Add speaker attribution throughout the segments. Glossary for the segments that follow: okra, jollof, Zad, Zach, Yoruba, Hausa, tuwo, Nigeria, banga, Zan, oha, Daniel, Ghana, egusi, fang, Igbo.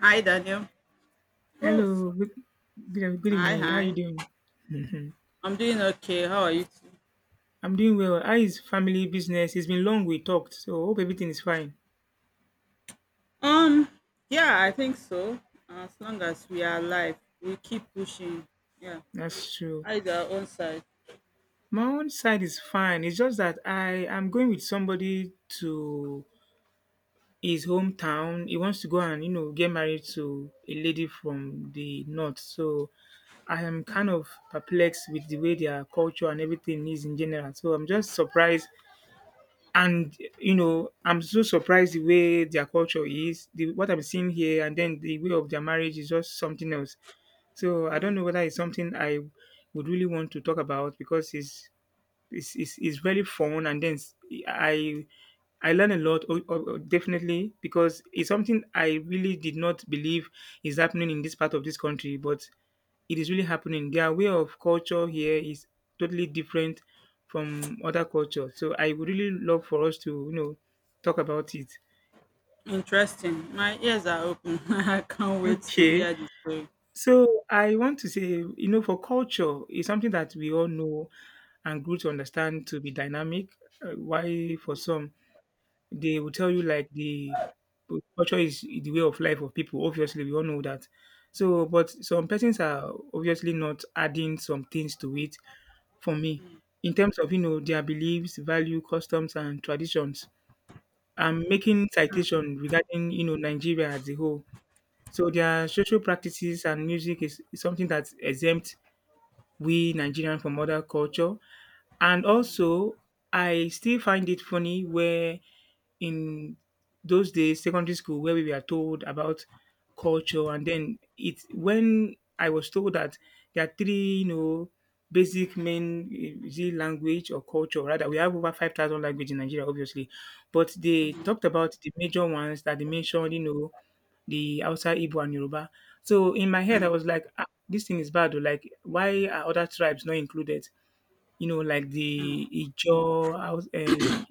Speaker 1: Hi, Daniel. Oh, so-
Speaker 2: Hello, good
Speaker 1: hi,
Speaker 2: evening. How you
Speaker 1: hi.
Speaker 2: doing? Mhm.
Speaker 1: I'm doing okay. How are you? Too?
Speaker 2: I'm doing well. How is family business? It's been long we talked, so hope everything is fine.
Speaker 1: Um, yeah, I think so. As long as we are alive, we keep pushing. Yeah,
Speaker 2: That's true.
Speaker 1: eyes are on side.
Speaker 2: My own side is fine. It's just that I am going with somebody to his hometown. He wants to go and get married to a lady from the north. So I am kind of perplexed with the way their culture and everything is in general. So I'm just surprised. And, I'm so surprised the way their culture is, the what I'm seeing here, and then the way of their marriage is just something else. So I don't know whether it's something I would really want to talk about because it's very fun, and then I I learn a lot, definitely, because it's something I really did not believe is happening in this part of this country, but it is really happening. Their way of culture here is totally different from other culture. So I would really love for us to talk about it.
Speaker 1: Interesting. My ears are open. I can't wait to
Speaker 2: Okay.
Speaker 1: hear the story.
Speaker 2: So I want to say, for culture is something that we all know and grew to understand to be dynamic. Why for some. They will tell you like the culture is the way of life of people. Obviously, we all know that. So, but some persons are obviously not adding some things to it. For me, in terms of their beliefs, value, customs, and traditions. I'm making citation regarding Nigeria as a whole. So their social practices and music is something that's exempt we Nigerian from other culture. And also, I still find it funny where in those days, secondary school, where we were told about culture, and then it when I was told that there are three basic main is it language or culture. Rather, we have over 5,000 language in Nigeria, obviously, but they talked about the major ones that they mentioned, the outside Igbo, and Yoruba. So in my head, I was like, ah, this thing is bad. Oh, like, why are other tribes not included? Like the Ijaw, Haus-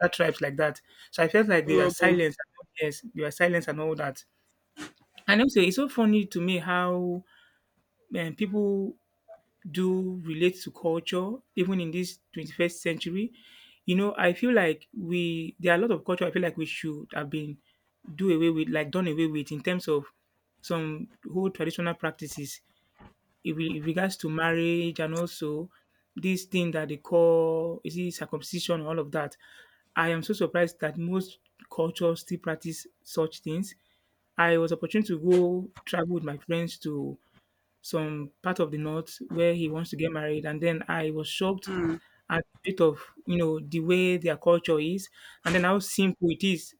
Speaker 2: other tribes like that. So I felt like they were
Speaker 1: Robo.
Speaker 2: silenced. Yes, they were silenced and all that. And also, it's so funny to me how people do relate to culture even in this 21st century. I feel like we there are a lot of culture I feel like we should have been do away with, like done away with in terms of some whole traditional practices in regards to marriage and also this thing that they call is it circumcision all of that. I am so surprised that most cultures still practice such things. I was opportune to go travel with my friends to some part of the north where he wants to get married and then I was shocked at the bit of, the way their culture is and then how simple it is.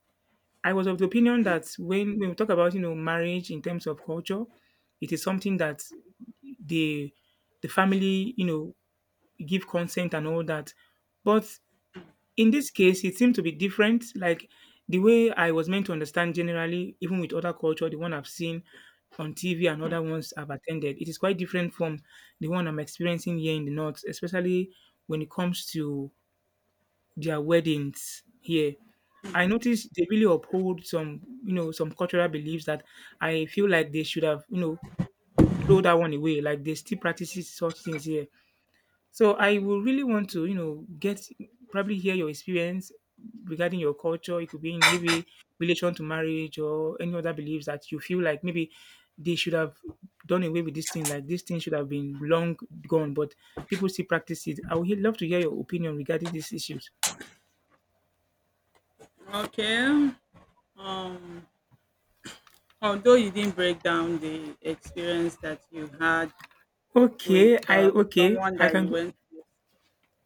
Speaker 2: I was of the opinion that when we talk about, marriage in terms of culture, it is something that the the family, give consent and all that. But in this case, it seemed to be different. Like the way I was meant to understand generally, even with other culture, the one I've seen on TV and other ones I've attended, it is quite different from the one I'm experiencing here in the north, especially when it comes to their weddings here. I noticed they really uphold some cultural beliefs that I feel like they should have throw that one away. Like they still practices such things here. So I would really want to get probably hear your experience regarding your culture. It could be in maybe relation to marriage or any other beliefs that you feel like maybe they should have done away with this thing. Like this thing should have been long gone, but people still practice it. I would love to hear your opinion regarding these issues.
Speaker 1: Okay. Um, Although you didn't break down the experience that you had with
Speaker 2: Okay, I okay,
Speaker 1: someone
Speaker 2: I
Speaker 1: that you
Speaker 2: can
Speaker 1: went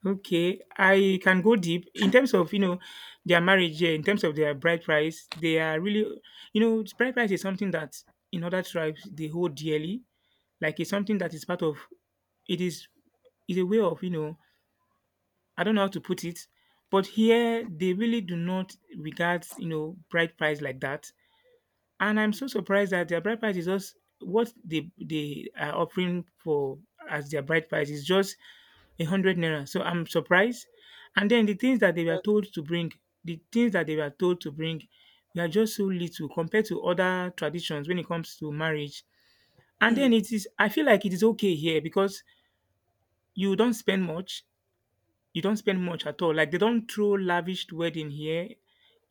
Speaker 2: Okay, I can go deep in terms of their marriage here, in terms of their bride price. They are really, bride price is something that in other tribes they hold dearly. Like it's something that is part of. It is a way of I don't know how to put it, but here they really do not regard bride price like that. And I'm so surprised that their bride price is just what they are offering for as their bride price is just 100 naira. So I'm surprised. And then the things that they were
Speaker 1: to,
Speaker 2: told to bring, the things that they were told to bring, they are just so little compared to other traditions when it comes to marriage. And then
Speaker 1: but
Speaker 2: it is I feel like it is okay here because you don't spend much you don't spend much at all. Like they don't throw lavish wedding here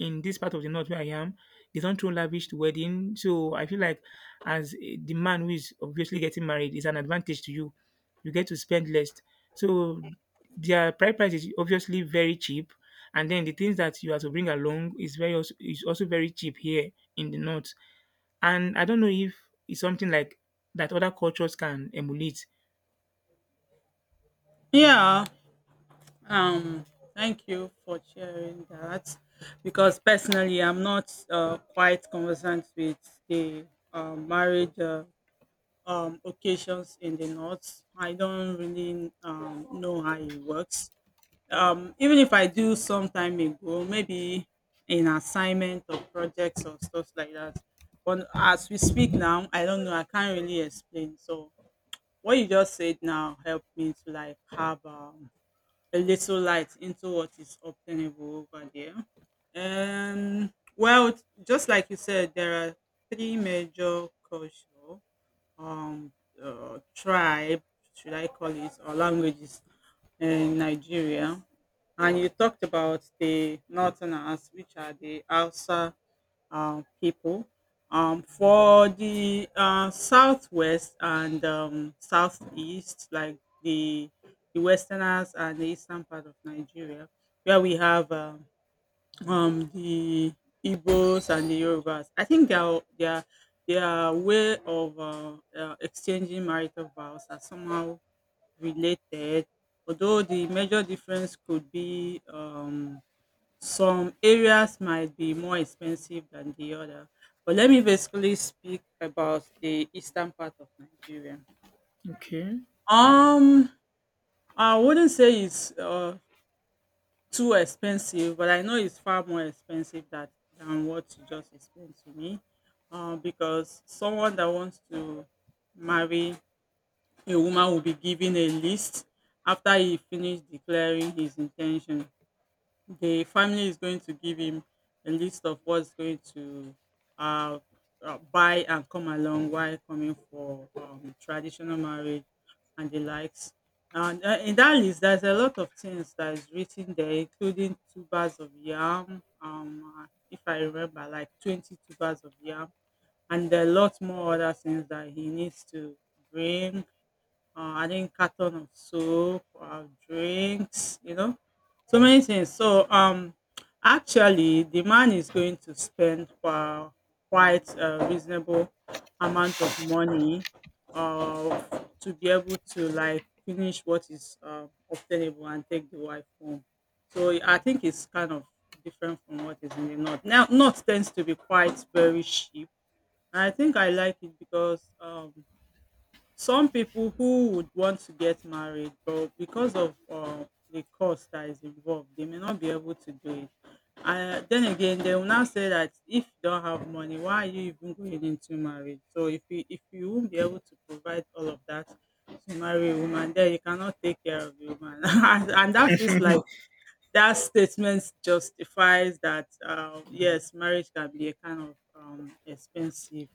Speaker 2: in this part of the north where I am. They don't throw lavish wedding. So I feel like as the man who is obviously getting married is an advantage to you. You get to spend less. So their price is obviously very cheap. And then the things that you have to bring along is very also, is also very cheap here in the north. And I don't know if it's something like that other cultures can emulate.
Speaker 1: yeah, Um, thank you for sharing that because personally, I'm not quite conversant with the marriage occasions in the north. I don't really know how it works. Even if I do some time ago, maybe in assignment or projects or stuff like that. But as we speak now, I don't know. I can't really explain. So what you just said now helped me to like have a little light into what is obtainable over there. Well, just like you said, there are three major culture, um, tribe, should I call it, or languages in Nigeria. And you talked about the Northerners, which are the Hausa, people. For the southwest and southeast, like the westerners and the eastern part of Nigeria, where we have the Igbos and the Yorubas, I think their way of exchanging marital vows are somehow related, although the major difference could be some areas might be more expensive than the other, but let me basically speak about the eastern part of Nigeria.
Speaker 2: Okay.
Speaker 1: Um, I wouldn't say it's too expensive, but I know it's far more expensive that than what you just explained to me. Because someone that wants to marry a woman will be given a list after he finished declaring his intention. The family is going to give him a list of what's going to uh, buy and come along while coming for traditional marriage and the likes. And in that list, there's a lot of things that is written there, including two bars of yam. If I remember, like 22 bars of yam, and a lot more other things that he needs to bring adding carton of soap or drinks, you know, so many things. So actually, the man is going to spend for quite a reasonable amount of money uh, to be able to like finish what is obtainable and take the wife home. So I think it's kind of different from what is in the north. Now, north tends to be quite very cheap. I think I like it because some people who would want to get married but because of the cost that is involved they may not be able to do it, then again they will now say that if you don't have money why are you even going into marriage, so if you won't be able to provide all of that to marry a woman then you cannot take care of the woman. And that feels like that statement justifies that yes, marriage can be a kind of expensive,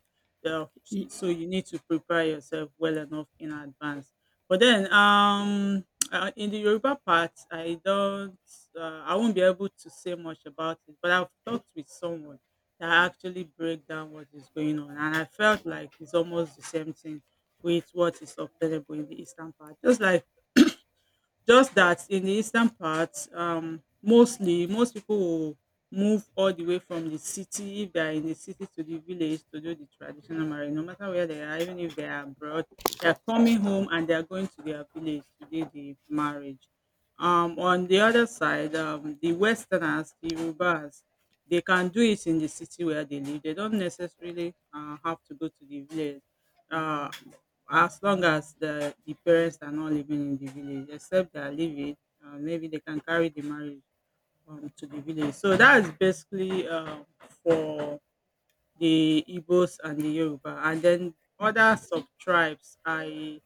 Speaker 1: uh,
Speaker 2: Y-
Speaker 1: so you need to prepare yourself well enough in advance, but then in the Yoruba part I don't, I won't be able to say much about it, but I've talked with someone that actually break down what is going on and I felt like it's almost the same thing with what is obtainable in the eastern part, just like just that in the eastern part, mostly most people will move all the way from the city if they are in the city to the village to do the traditional marriage. No matter where they are, even if they are abroad, they are coming home and they are going to their village to do the marriage. On the other side, the Westerners, the Yorubas, they can do it in the city where they live. They don't necessarily have to go to the village. Uh, as long as the parents are not living in the village except they are living, maybe they can carry the marriage to the village. So that is basically for the Igbos and the Yoruba, and then other sub tribes, i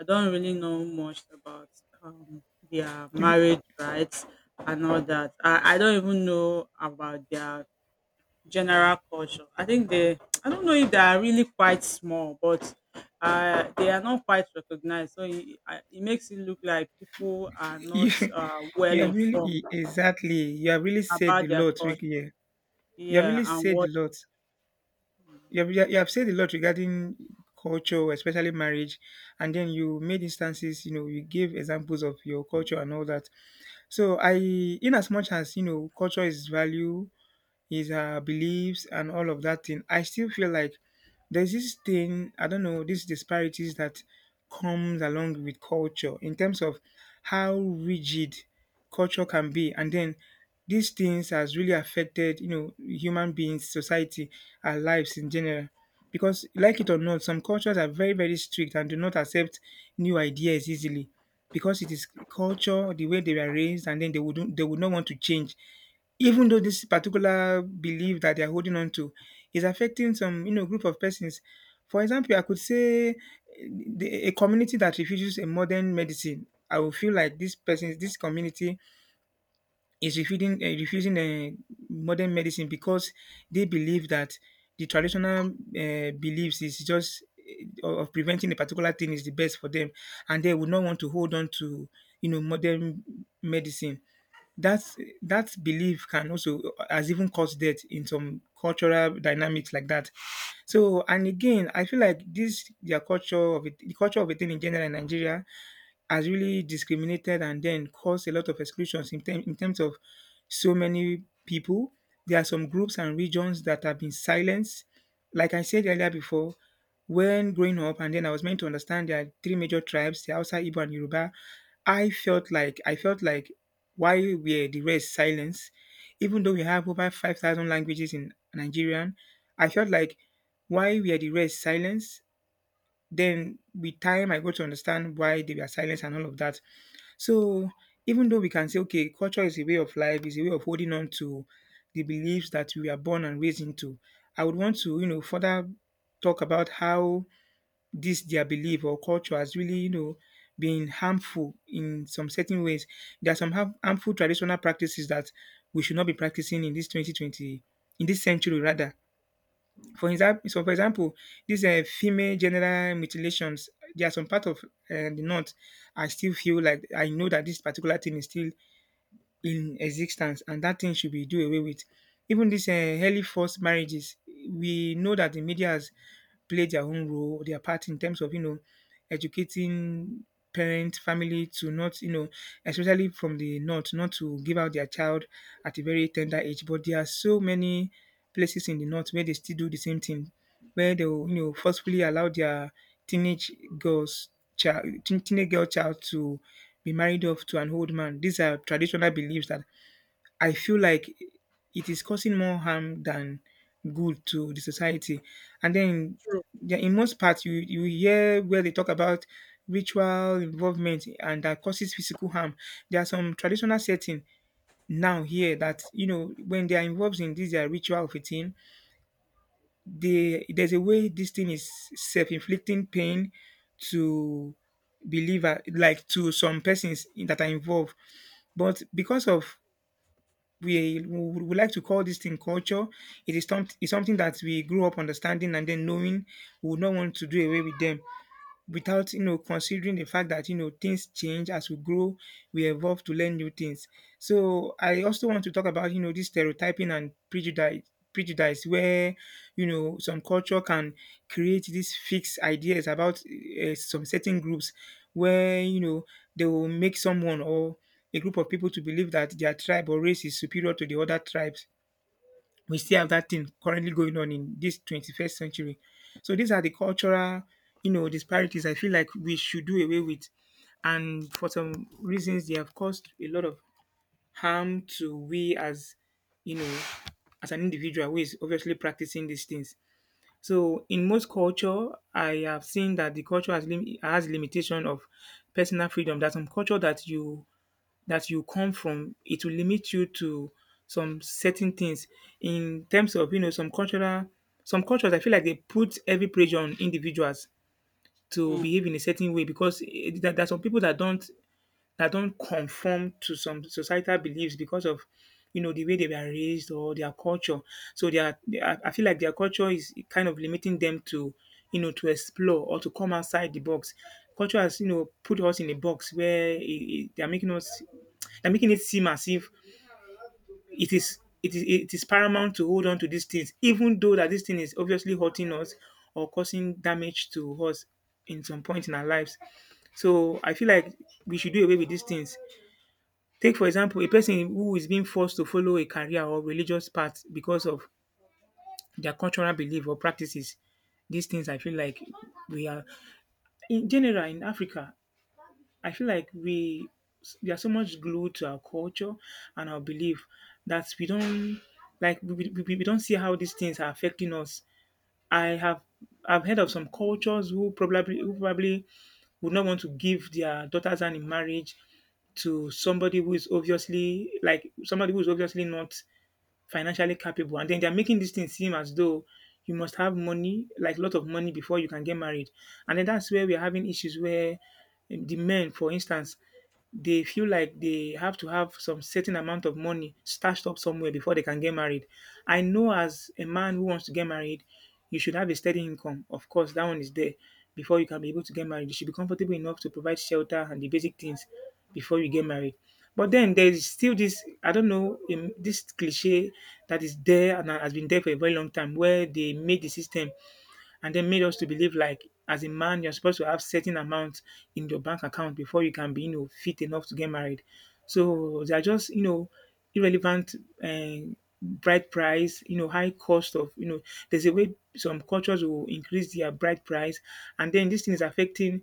Speaker 1: i don't really know much about um, their marriage rights and all that. I don't even know about their general culture. I think they, I don't know if they are really quite small, but they are not quite recognized. So it, it makes it look like people are
Speaker 2: You,
Speaker 1: not well
Speaker 2: you have really
Speaker 1: informed
Speaker 2: exactly. You have really said
Speaker 1: about
Speaker 2: a
Speaker 1: their
Speaker 2: lot, Ricky
Speaker 1: culture.
Speaker 2: here. You have
Speaker 1: Yeah,
Speaker 2: really
Speaker 1: and
Speaker 2: said a
Speaker 1: what.
Speaker 2: lot. You have said a lot regarding culture, especially marriage, and then you made instances. You know, you gave examples of your culture and all that. So I, in as much as culture is value, is our beliefs and all of that thing. I still feel like there's this thing I don't know these disparities that comes along with culture in terms of how rigid culture can be and then these things has really affected human beings society our lives in general because like it or not some cultures are very very strict and do not accept new ideas easily because it is culture the way they were raised and then they would not want to change even though this particular belief that they are holding on to is affecting some group of persons. For example, I could say a community that refuses a modern medicine. I will feel like this person, this community is refusing modern medicine because they believe that the traditional beliefs is just of preventing a particular thing is the best for them, and they would not want to hold on to modern medicine. That belief can also has even caused death in some cultural dynamics like that. So and again, I feel like this their culture of it, the culture of a thing in general in Nigeria has really discriminated and then caused a lot of exclusions in terms of so many people. There are some groups and regions that have been silenced. Like I said earlier before, when growing up, and then I was meant to understand there are three major tribes, the Hausa, Igbo, and Yoruba. I felt like why were the rest silenced? Even though we have over 5,000 languages in Nigerian, I felt like why were the rest silenced? Then with time, I got to understand why they were silenced and all of that. So even though we can say, okay, culture is a way of life, is a way of holding on to the beliefs that we were born and raised into, I would want to further talk about how this their belief or culture has really, been harmful in some certain ways. There are some harmful traditional practices that we should not be practicing in this 2020, in this century rather. For example, these female genital mutilations, there are some part of the north I still feel like I know that this particular thing is still in existence and that thing should be do away with. Even these early forced marriages, we know that the media has played their own role, their part in terms of, educating parent, family to not, especially from the north, not to give out their child at a very tender age. But there are so many places in the north where they still do the same thing, where they will, you know, forcefully allow their teenage girls child teenage girl child to be married off to an old man. These are traditional beliefs that I feel like it is causing more harm than good to the society. And then
Speaker 1: True.
Speaker 2: yeah, in most parts, you hear where they talk about ritual involvement and that causes physical harm. There are some traditional setting now here that you know when they are involved in this their ritual of a thing, there's a way this thing is self-inflicting pain to believer like to some persons that are involved but because of we like to call this thing culture, it is it's something that we grew up understanding and then knowing we would not want to do away with them without, you know, considering the fact that, you know, things change as we grow, we evolve to learn new things. So I also want to talk about, you know, this stereotyping and prejudice where, you know, some culture can create these fixed ideas about some certain groups, where, you know, they will make someone or a group of people to believe that their tribe or race is superior to the other tribes. We still have
Speaker 1: Mm,
Speaker 2: that thing currently going on in this 21st century. So these are the cultural, you know, disparities I feel like we should do away with. And for some reasons, they have caused a lot of harm to we as, you know, as an individual who is obviously practicing these things. So in most culture, I have seen that the culture has, has limitation of personal freedom. There's some culture that you come from, it will limit you to some certain things in terms of, you know, some cultural, some cultures I feel like they put heavy pressure on individuals to
Speaker 1: mm,
Speaker 2: behave in a certain way because there are some people that don't conform to some societal beliefs because of, you know, the way they were raised or their culture. So they are, I feel like their culture is kind of limiting them to, you know, to explore or to come outside the box. Culture has, you know, put us in a box where they are making us they're making it seem as if it is paramount to hold on to these things, even though that this thing is obviously hurting us or causing damage to us in some point in our lives. So I feel like we should do away with these things. Take for example a person who is being forced to follow a career or religious path because of their cultural belief or practices. These things I feel like we are in general in Africa, I feel like we are so much glued to our culture and our belief that we don't like we don't see how these things are affecting us. I have I've heard of some cultures who probably would not want to give their daughters hand in marriage to somebody who is obviously like somebody who is obviously not financially capable, and then they are making this thing seem as though you must have money, like a lot of money, before you can get married. And then that's where we are having issues where the men, for instance, they feel like they have to have some certain amount of money stashed up somewhere before they can get married. I know as a man who wants to get married, you should have a steady income. Of course, that one is there before you can be able to get married. You should be comfortable enough to provide shelter and the basic things before you get married. But then there is still this, I don't know, this cliche that is there and has been there for a very long time where they made the system and then made us to believe like as a man you're supposed to have certain amount in your bank account before you can be, you know, fit enough to get married. So they are just, you know, irrelevant um bride price, you know, high cost of, you know, there's a way some cultures will increase their bride price, and then this thing is affecting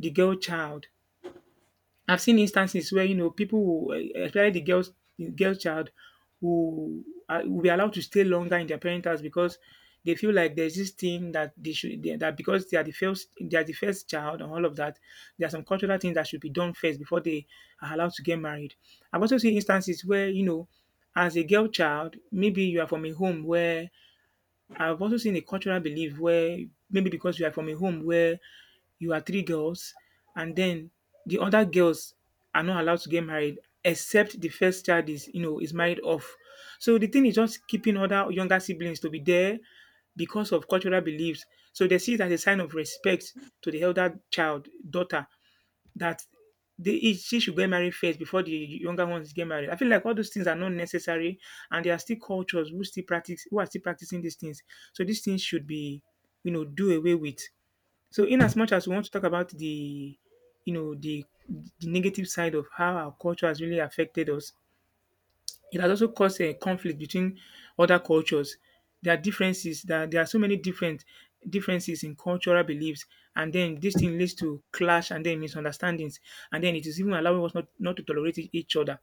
Speaker 2: the girl child. I've seen instances where, you know, people will, especially the girls, the girl child, who are, will be allowed to stay longer in their parents' house because they feel like there's this thing that that because they are the first child and all of that. There are some cultural things that should be done first before they are allowed to get married. I've also seen instances where, you know, as a girl child, maybe you are from a home where I've also seen a cultural belief where maybe because you are from a home where you are three girls and then the other girls are not allowed to get married except the first child is, you know, is married off. So the thing is just keeping other younger siblings to be there because of cultural beliefs. So they see it as a sign of respect to the elder child, daughter, that they she should get married first before the younger ones get married. I feel like all those things are not necessary, and there are still cultures who still practice who are still practicing these things. So these things should be, you know, do away with. So in as much as we want to talk about the, you know, the negative side of how our culture has really affected us, it has also caused a conflict between other cultures. There are differences that there are so many different differences in cultural beliefs, and then this thing leads to clash and then misunderstandings, and then it is even allowing us not to tolerate each other.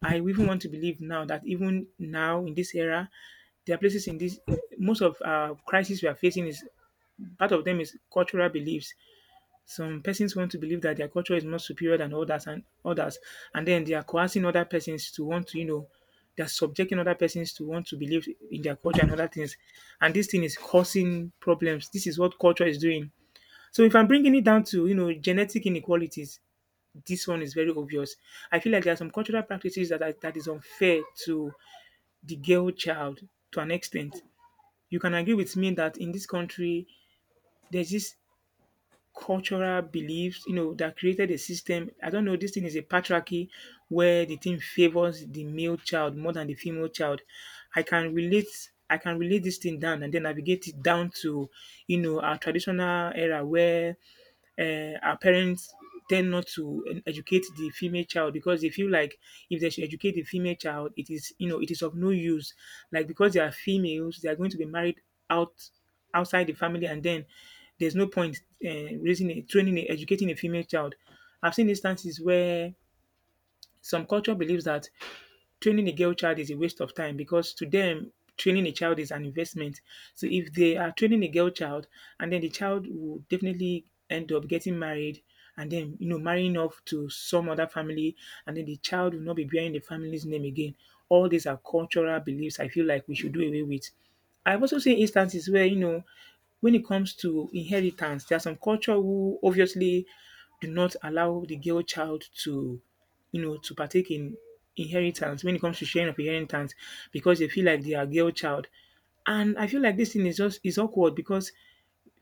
Speaker 2: I even want to believe now that even now in this era, there are places in this most of crisis we are facing is part of them is cultural beliefs. Some persons want to believe that their culture is more superior than others and then they are coercing other persons to want to, you know, they're subjecting other persons to want to believe in their culture and other things, and this thing is causing problems. This is what culture is doing. So if I'm bringing it down to, you know, genetic inequalities, this one is very obvious. I feel like there are some cultural practices that is unfair to the girl child, to an extent. You can agree with me that in this country there's this cultural beliefs, you know, that created a system. I don't know, this thing is a patriarchy where the thing favors the male child more than the female child. I can relate this thing down and then navigate it down to, you know, our traditional era where our parents tend not to educate the female child because they feel like if they should educate the female child, it is, you know, it is of no use. Like because they are females, they are going to be married out outside the family, and then there's no point uh, raising, a, training, a, educating a female child. I've seen instances where some culture believes that training a girl child is a waste of time because to them, training a child is an investment. So if they are training a girl child and then the child will definitely end up getting married and then, you know, marrying off to some other family, and then the child will not be bearing the family's name again. All these are cultural beliefs I feel like we should do away with. I've also seen instances where, you know, when it comes to inheritance, there are some culture who obviously do not allow the girl child to, you know, to partake in inheritance when it comes to sharing of inheritance because they feel like they are girl child. And I feel like this thing is just is awkward because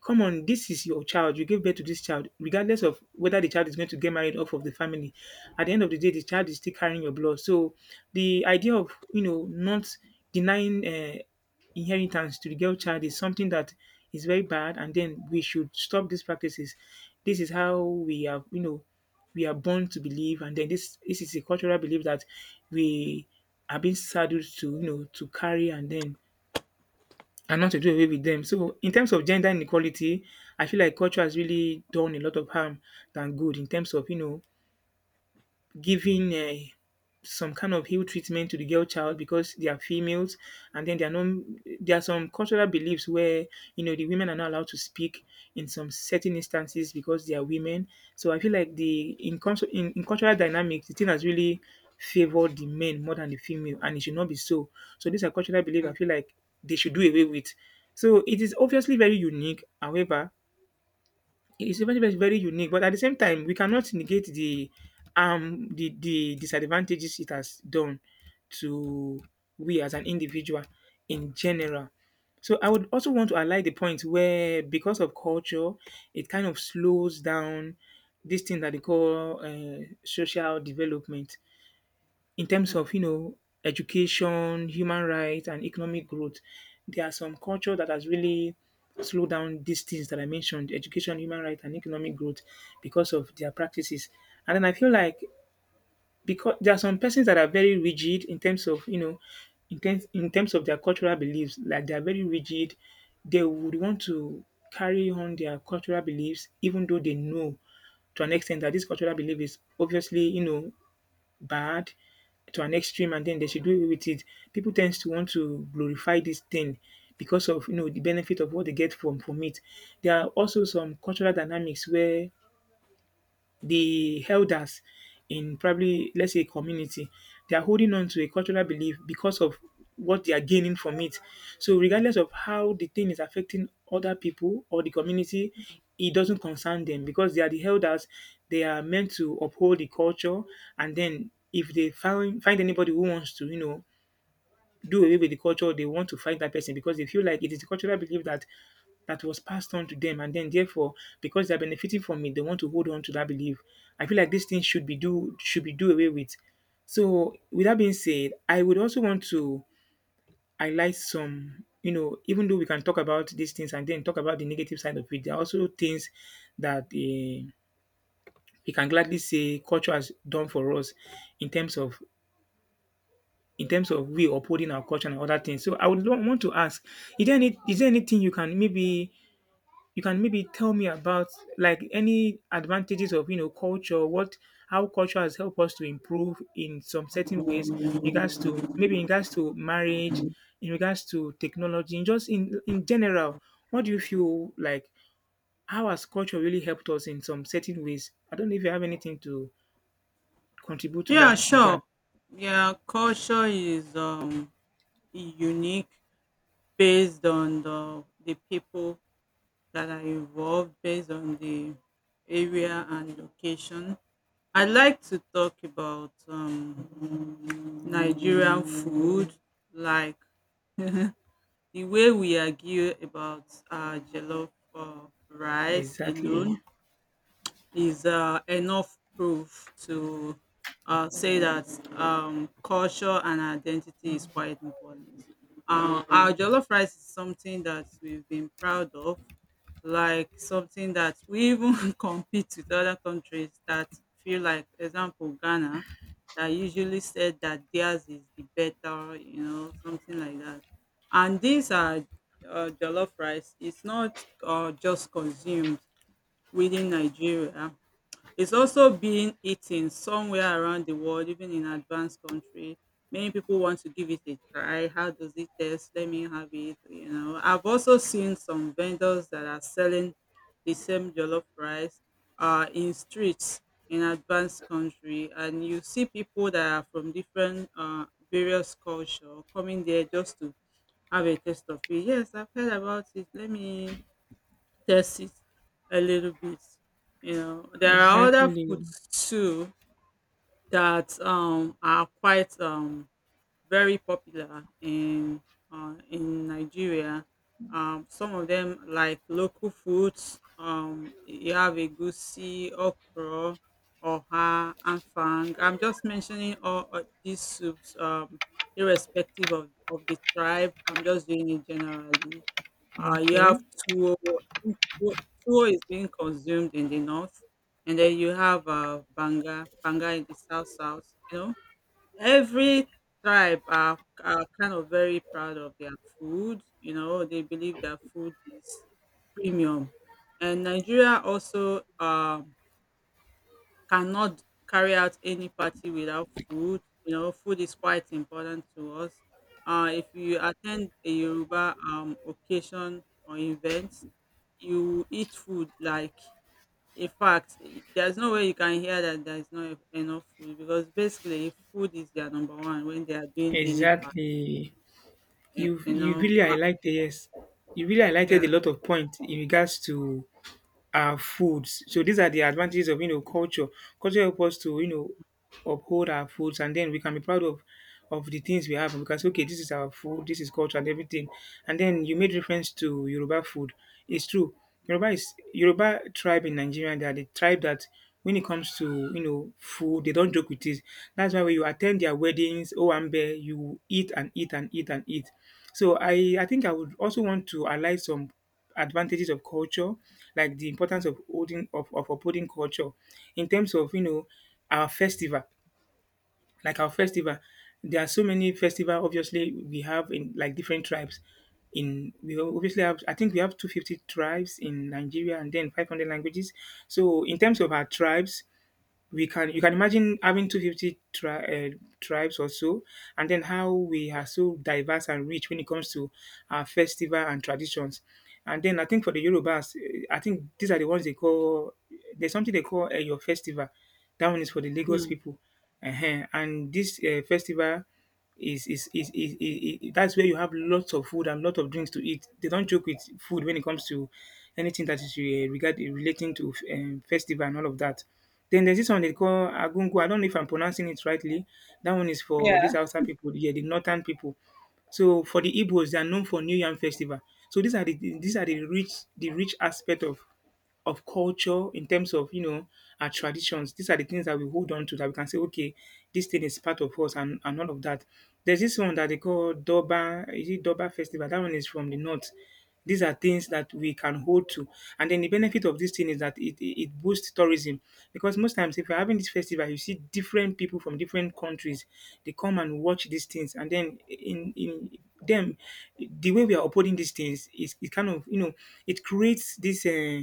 Speaker 2: come on, this is your child. You gave birth to this child, regardless of whether the child is going to get married off of the family. At the end of the day, the child is still carrying your blood. So the idea of, you know, not denying inheritance to the girl child is something that is very bad, and then we should stop these practices. This is how we are, you know, we are born to believe, and then this is a cultural belief that we are being saddled to, you know, to carry, and then and not to do away with them. So in terms of gender inequality, I feel like culture has really done a lot of harm than good in terms of, giving some kind of ill treatment to the girl child because they are females, and then there are no there are some cultural beliefs where you know the women are not allowed to speak in some certain instances because they are women. So I feel like the in, cons- in cultural dynamics, the thing has really favored the men more than the female, and it should not be so. So these are cultural beliefs
Speaker 1: mm,
Speaker 2: I feel like they should do away with. So it is obviously very unique. However, it's very, very, very unique. But at the same time, we cannot negate the the disadvantages it has done to we as an individual in general. So I would also want to highlight the point where, because of culture, it kind of slows down this thing that they call social development in terms
Speaker 1: mm.
Speaker 2: of, you know, education, human rights, and economic growth. There are some culture that has really slowed down these things that I mentioned, education, human rights, and economic growth, because of their practices. And then I feel like, because there are some persons that are very rigid in terms of, you know, in terms of their cultural beliefs, like they are very rigid, they would want to carry on their cultural beliefs even though they know, to an extent, that this cultural belief is obviously, you know, bad to an extreme, and then they should do away with it. People tend to want to glorify this thing because of, you know, the benefit of what they get from it. There are also some cultural dynamics where the elders in, probably let's say, a community, they are holding on to a cultural belief because of what they are gaining from it. So regardless of how the thing is affecting other people or the community, it doesn't concern them because they are the elders. They are meant to uphold the culture. And then if they find anybody who wants to, you know, do away with the culture, they want to fight that person because they feel like it is a cultural belief that was passed on to them, and then therefore, because they're benefiting from it, they want to hold on to that belief. I feel like these things should be do away with. So with that being said, I would also want to highlight some, you know, even though we can talk about these things and then talk about the negative side of it, there are also things that we can gladly say culture has done for us in terms of, we upholding our culture and other things. So I would want to ask, is there anything you can maybe, tell me about, like, any advantages of, you know, culture, what how culture has helped us to improve in some certain ways, in regards to, maybe in regards to, marriage, in regards to technology, in just in general, what do you feel like, how has culture really helped us in some certain ways? I don't know if you have anything to contribute to
Speaker 1: Yeah,
Speaker 2: that
Speaker 1: sure.
Speaker 2: regard.
Speaker 1: Yeah, culture is unique based on the people that are involved, based on the area and location. I like to talk about Nigerian food, like the way we argue about jollof rice
Speaker 2: Exactly.
Speaker 1: alone is enough proof to say that culture and identity is quite important. Our jollof rice is something that we've been proud of, like something that we even compete with other countries that feel like, example, Ghana, that usually said that theirs is the better, you know, something like that. And these are jollof rice. It's not just consumed within Nigeria, it's also being eaten somewhere around the world, even in advanced country. Many people want to give it a try. How does it taste? Let me have it. You know, I've also seen some vendors that are selling the same jollof rice in streets in advanced country, and you see people that are from different various culture coming there just to have a taste of it. Yes, I've heard about it. Let me test it a little bit. You know, there are other
Speaker 2: Exactly.
Speaker 1: foods too that are quite very popular in Nigeria. Some of them like local foods. You have egusi, okra, oha, and fang. I'm just mentioning all these soups, irrespective of the tribe. I'm just doing it generally. You have
Speaker 2: Okay,
Speaker 1: tuwo. Tuwo tuwo is being consumed in the north, and then you have banga, banga in the south south. You know, every tribe are kind of very proud of their food. You know, they believe their food is premium. And Nigeria also, cannot carry out any party without food. You know, food is quite important to us. If you attend a Yoruba occasion or event, you eat food like in fact, there's no way you can hear that there is not enough food, because basically if food is their number one when they are doing any part.
Speaker 2: exactly. You
Speaker 1: You know,
Speaker 2: really highlighted, yes. You really highlighted
Speaker 1: yeah.
Speaker 2: a lot of point in regards to our foods. So these are the advantages of, you know, culture. Culture helps us to, you know, uphold our foods, and then we can be proud of the things we have because, okay, this is our food, this is culture, and everything. And then you made reference to Yoruba food. It's true. Yoruba is Yoruba tribe in Nigeria. They are the tribe that, when it comes to, you know, food, they don't joke with it. That's why when you attend their weddings, Owambe, you eat and eat and eat and eat. So I think I would also want to highlight some advantages of culture, like the importance of of upholding culture in terms of, you know, our festival, like
Speaker 1: Mm,
Speaker 2: our festival. There are so many festival. Obviously, we have in like different tribes. In we obviously have. I think we have 250 tribes in Nigeria, and then 500 languages. So in terms of our tribes, we can you can imagine having 250 tribes or so, and then how we are so diverse and rich when it comes to our festival and traditions. And then I think for the Yorubas, I think these are the ones they call, there's something they call, your festival. That one is for the Lagos
Speaker 1: mm,
Speaker 2: people. And this festival is that's where you have lots of food and lot of drinks to eat. They don't joke with food when it comes to anything that is relating to festival and all of that. Then there's this one they call Agungu. I don't know if I'm pronouncing it rightly. That one is for
Speaker 1: yeah.
Speaker 2: these outside people, yeah, the northern people. So for the Igbos, they are known for New Yam Festival. So these are the, rich, aspect of culture, in terms of, you know, our traditions. These are the things that we hold on to that we can say, okay, this thing is part of us, and all of that. There's this one that they call Doba. Is it Doba Festival? That one is from the north. These are things that we can hold to. And then the benefit of this thing is that it boosts tourism. Because most times, if you're having this festival, you see different people from different countries. They come and watch these things. And then in them, the way we are upholding these things, is it kind of, you know, it creates this, uh,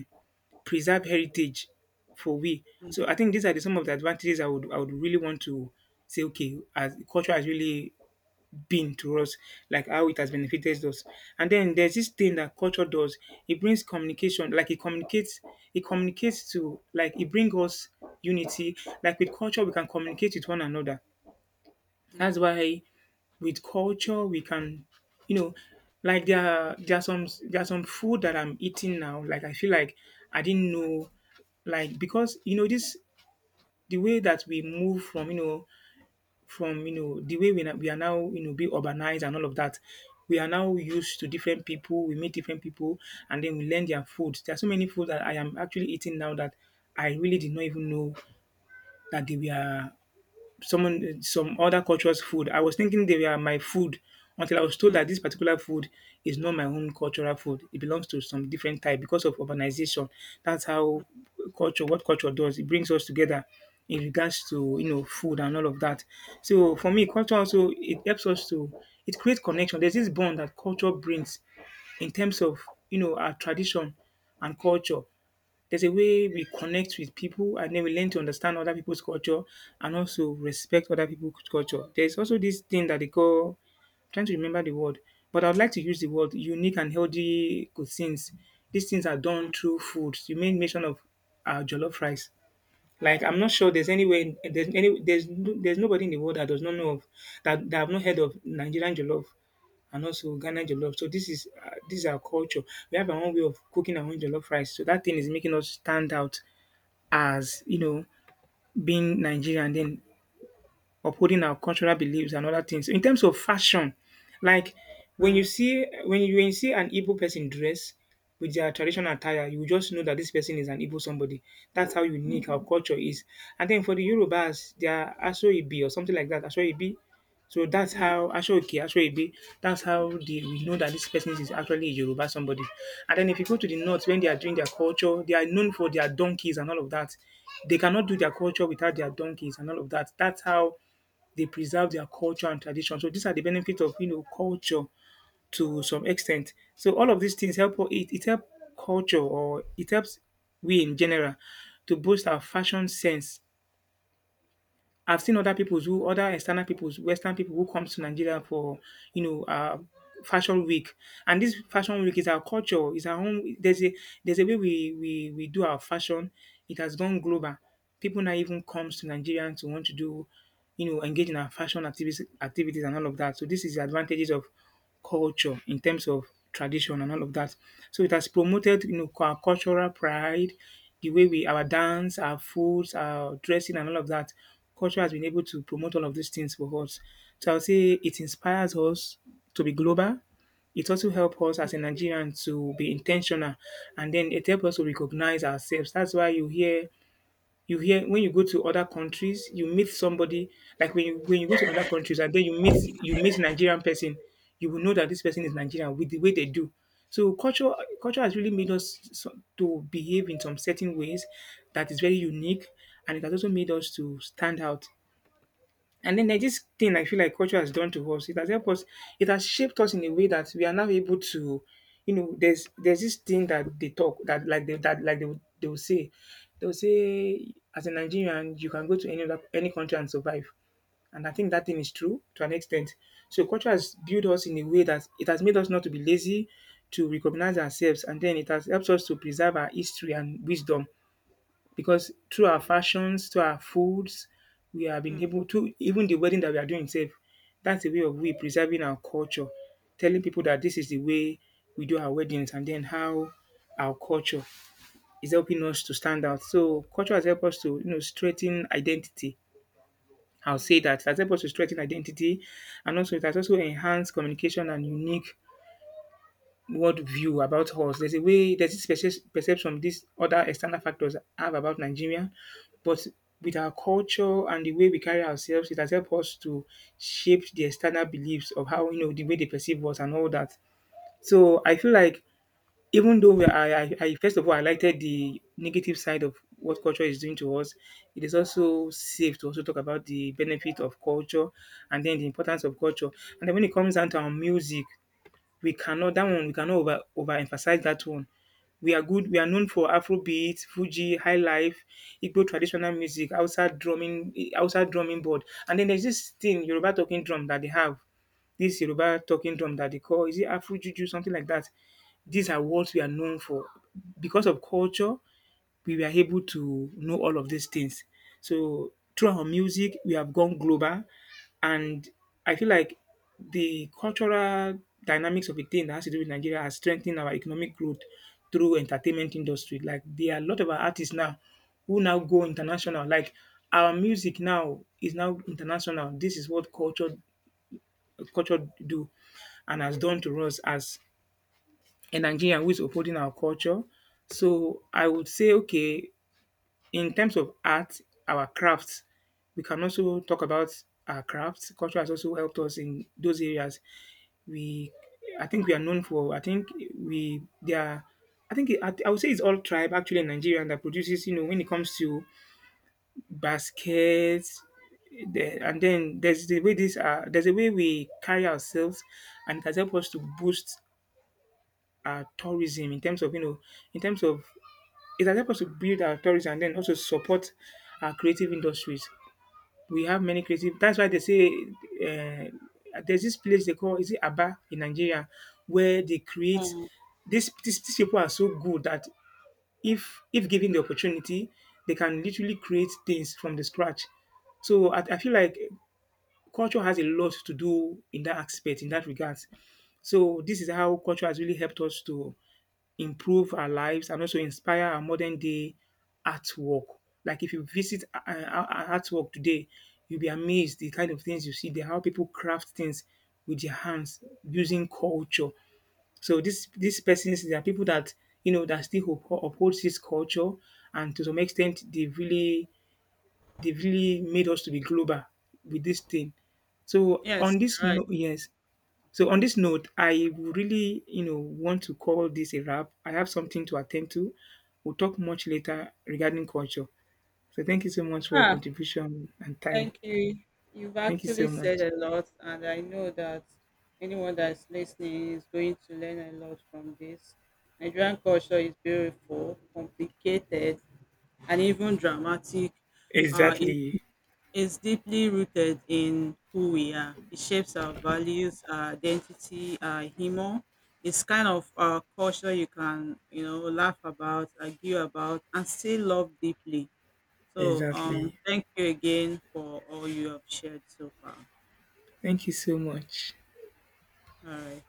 Speaker 2: preserve heritage for we.
Speaker 1: Mm,
Speaker 2: So I think these are the, some of the advantages I would, really want to say. Okay, as culture has really been to us, like how it has benefited us. And then there's this thing that culture does. It brings communication. Like it communicates. It communicates to Like it brings us unity. Like with culture, we can communicate with one another. That's
Speaker 1: mm,
Speaker 2: why with culture we can, you know, like there are some food that I'm eating now. Like I feel like I didn't know, like because you know this, the way that we move from, you know, the way we we are now, you know, be urbanized and all of that. We are now used to different people. We meet different people, and then we learn their food. There are so many food that I am actually eating now that I really did not even know that they were some other culture's food. I was thinking they were my food until I was told that
Speaker 1: mm,
Speaker 2: this particular food is not my own cultural food. It belongs to some different type because of urbanization. That's how culture, what culture does, it brings us together in regards to, you know, food and all of that. So for me, culture also it helps us to, it creates connection. There's this bond that culture brings in terms of, you know, our tradition and culture. There's a way we connect with people, and then we learn to understand other people's culture and also respect other people's culture. There's also this thing that they call, I'm trying to remember the word, but I would like to use the word unique and healthy cuisines. These things are
Speaker 1: mm,
Speaker 2: done through food. You made mention of jollof rice. Like
Speaker 1: mm,
Speaker 2: I'm not sure there's there's nobody in the world that does not know of that, that have not heard of Nigerian jollof and also Ghana jollof. So this is, this is our culture. We have our own way of cooking our own jollof rice. So that thing is making us stand out as, you know, being Nigerian. Then upholding our cultural beliefs and other things. In terms of fashion, like when you
Speaker 1: mm,
Speaker 2: see, when you see an Igbo person dress with their traditional attire, you will just know that this person is an Igbo somebody. That's how unique our culture is. And then for the Yorubas, they are Aso Ibi or something like that. Aso Ibi. So that's
Speaker 1: mm,
Speaker 2: how, Aso Oke, Aso Ibi. That's how we know that this person is actually a Yoruba somebody. And then if you go to the north, when they are doing their culture, they are known for their donkeys and all of that. They cannot do
Speaker 1: mm,
Speaker 2: their culture without their donkeys and all of that. That's how they preserve their culture and tradition. So these are the benefits of culture to some extent. So all of these things help it help culture, or it helps we in general to boost our fashion sense. I've seen other peoples who, other external peoples, Western people who comes to Nigeria for you know uh, fashion week, and this fashion week is our culture, is our own. There's a way we do our fashion. It has gone global. People now even comes to Nigeria to want to do, engage in our fashion activities and all of that. So this is the advantages of culture in terms of tradition and all of that. So it has promoted our cultural pride, the way we, our dance, our foods, our dressing, and all of that. Culture has been able to promote all of these things for us. So I would say it inspires us to be global. It also helps us as a Nigerian to be intentional, and then it helps us to recognize ourselves. That's why you hear when you go to other countries, you meet somebody, like when you go to other countries and then you meet Nigerian person, you will know that this person is Nigerian with the way they do. So culture has really made us to behave in some certain ways that is very unique, and it has also made us to stand out. And then there's this thing I feel like culture has done to us. It has helped us, it has shaped us in a way that we are now able to, you know, there's this thing that they talk that, they will say as a Nigerian you can go to any other, any country and survive. And I think that thing is true to an extent. So culture has built us in a way that it has made us not to be lazy, to recognize ourselves, and then it has helped us to preserve our history and wisdom because through our fashions, through our foods, we have been
Speaker 1: mm,
Speaker 2: able to, even the wedding that we are doing itself. That's a way of we preserving our culture, telling people that this is the way we do our weddings, and then how our culture is helping us to stand out. So culture has helped us to strengthen identity. I'll say
Speaker 1: mm,
Speaker 2: that it has helped us to strengthen identity, and also it has also enhanced communication and unique worldview about us. There's a way, there's this perception these other external factors have about Nigeria, but with our culture and the way we carry ourselves, it has helped us to shape the external beliefs of how, the way they perceive us and all that. So I feel like, even though we, I first of all highlighted the negative side of what culture is doing to us, it is also safe to also talk about the benefit of culture and then the importance of culture. And then when it comes down to our music, we cannot, that one we cannot over overemphasize that one. We are good. We are known for Afrobeat, Fuji, High Life, Igbo traditional music, outside drumming board, and then there's this thing Yoruba talking drum that they have. This Yoruba talking drum that they call, is it Afro Juju something like that. These are what we are known for. Because of culture we were able to know all of these things. So through our music, we have gone global, and I feel like the cultural dynamics of a thing that has to do with Nigeria has strengthened our economic growth through entertainment industry. Like there are a lot of our artists now who now go international. Like our music now is now international. This is what culture do and has done to us as a Nigerian who is upholding our culture. So I would say, okay, in terms of art, our crafts, we can also talk about our crafts. Culture has also helped us in those areas. We, I think, we are known for. I think we there. Are, I think it, I would say it's all tribe actually in Nigeria that produces. You know, when it comes to baskets, the, and then there's the way this. There's a way we carry ourselves, and it has helped us to boost our tourism in terms of, in terms of, it has helped us to build our tourism and then also support our creative industries. We have many creative. That's why they say, there's this place they call, is it Aba in Nigeria, where they create.
Speaker 1: mm.
Speaker 2: These people are so good that, if given the opportunity, they can literally create things from the scratch. So I feel like culture has a lot to do in that aspect, in that regards. So this is how culture has really helped us to improve our lives and also inspire our modern day artwork. Like if you visit, our artwork today, you'll be amazed the kind of things you see there, how people craft things with their hands using culture. So this these persons, there are people that you know that still upholds this culture, and to some extent, they really, they've really made us to be global with this thing. So
Speaker 1: Yes,
Speaker 2: on this
Speaker 1: you're right.
Speaker 2: note, yes. So on this note, I really, you know, want to call this a wrap. I have something to attend to. We'll talk much later regarding culture. So thank you so much for your
Speaker 1: Ah,
Speaker 2: contribution and time.
Speaker 1: thank you. You've
Speaker 2: Thank you
Speaker 1: actually
Speaker 2: so
Speaker 1: said
Speaker 2: much.
Speaker 1: a lot, and I know that anyone that's listening is going to learn a lot from this. Nigerian culture is beautiful, complicated, and even dramatic. It
Speaker 2: Exactly.
Speaker 1: is deeply rooted in who we are. It shapes our values, our identity, our humor. It's kind of a culture you can, you know, laugh about, argue about, and still love deeply. So,
Speaker 2: Exactly.
Speaker 1: thank you again for all you have shared so far.
Speaker 2: Thank you so much.
Speaker 1: All right.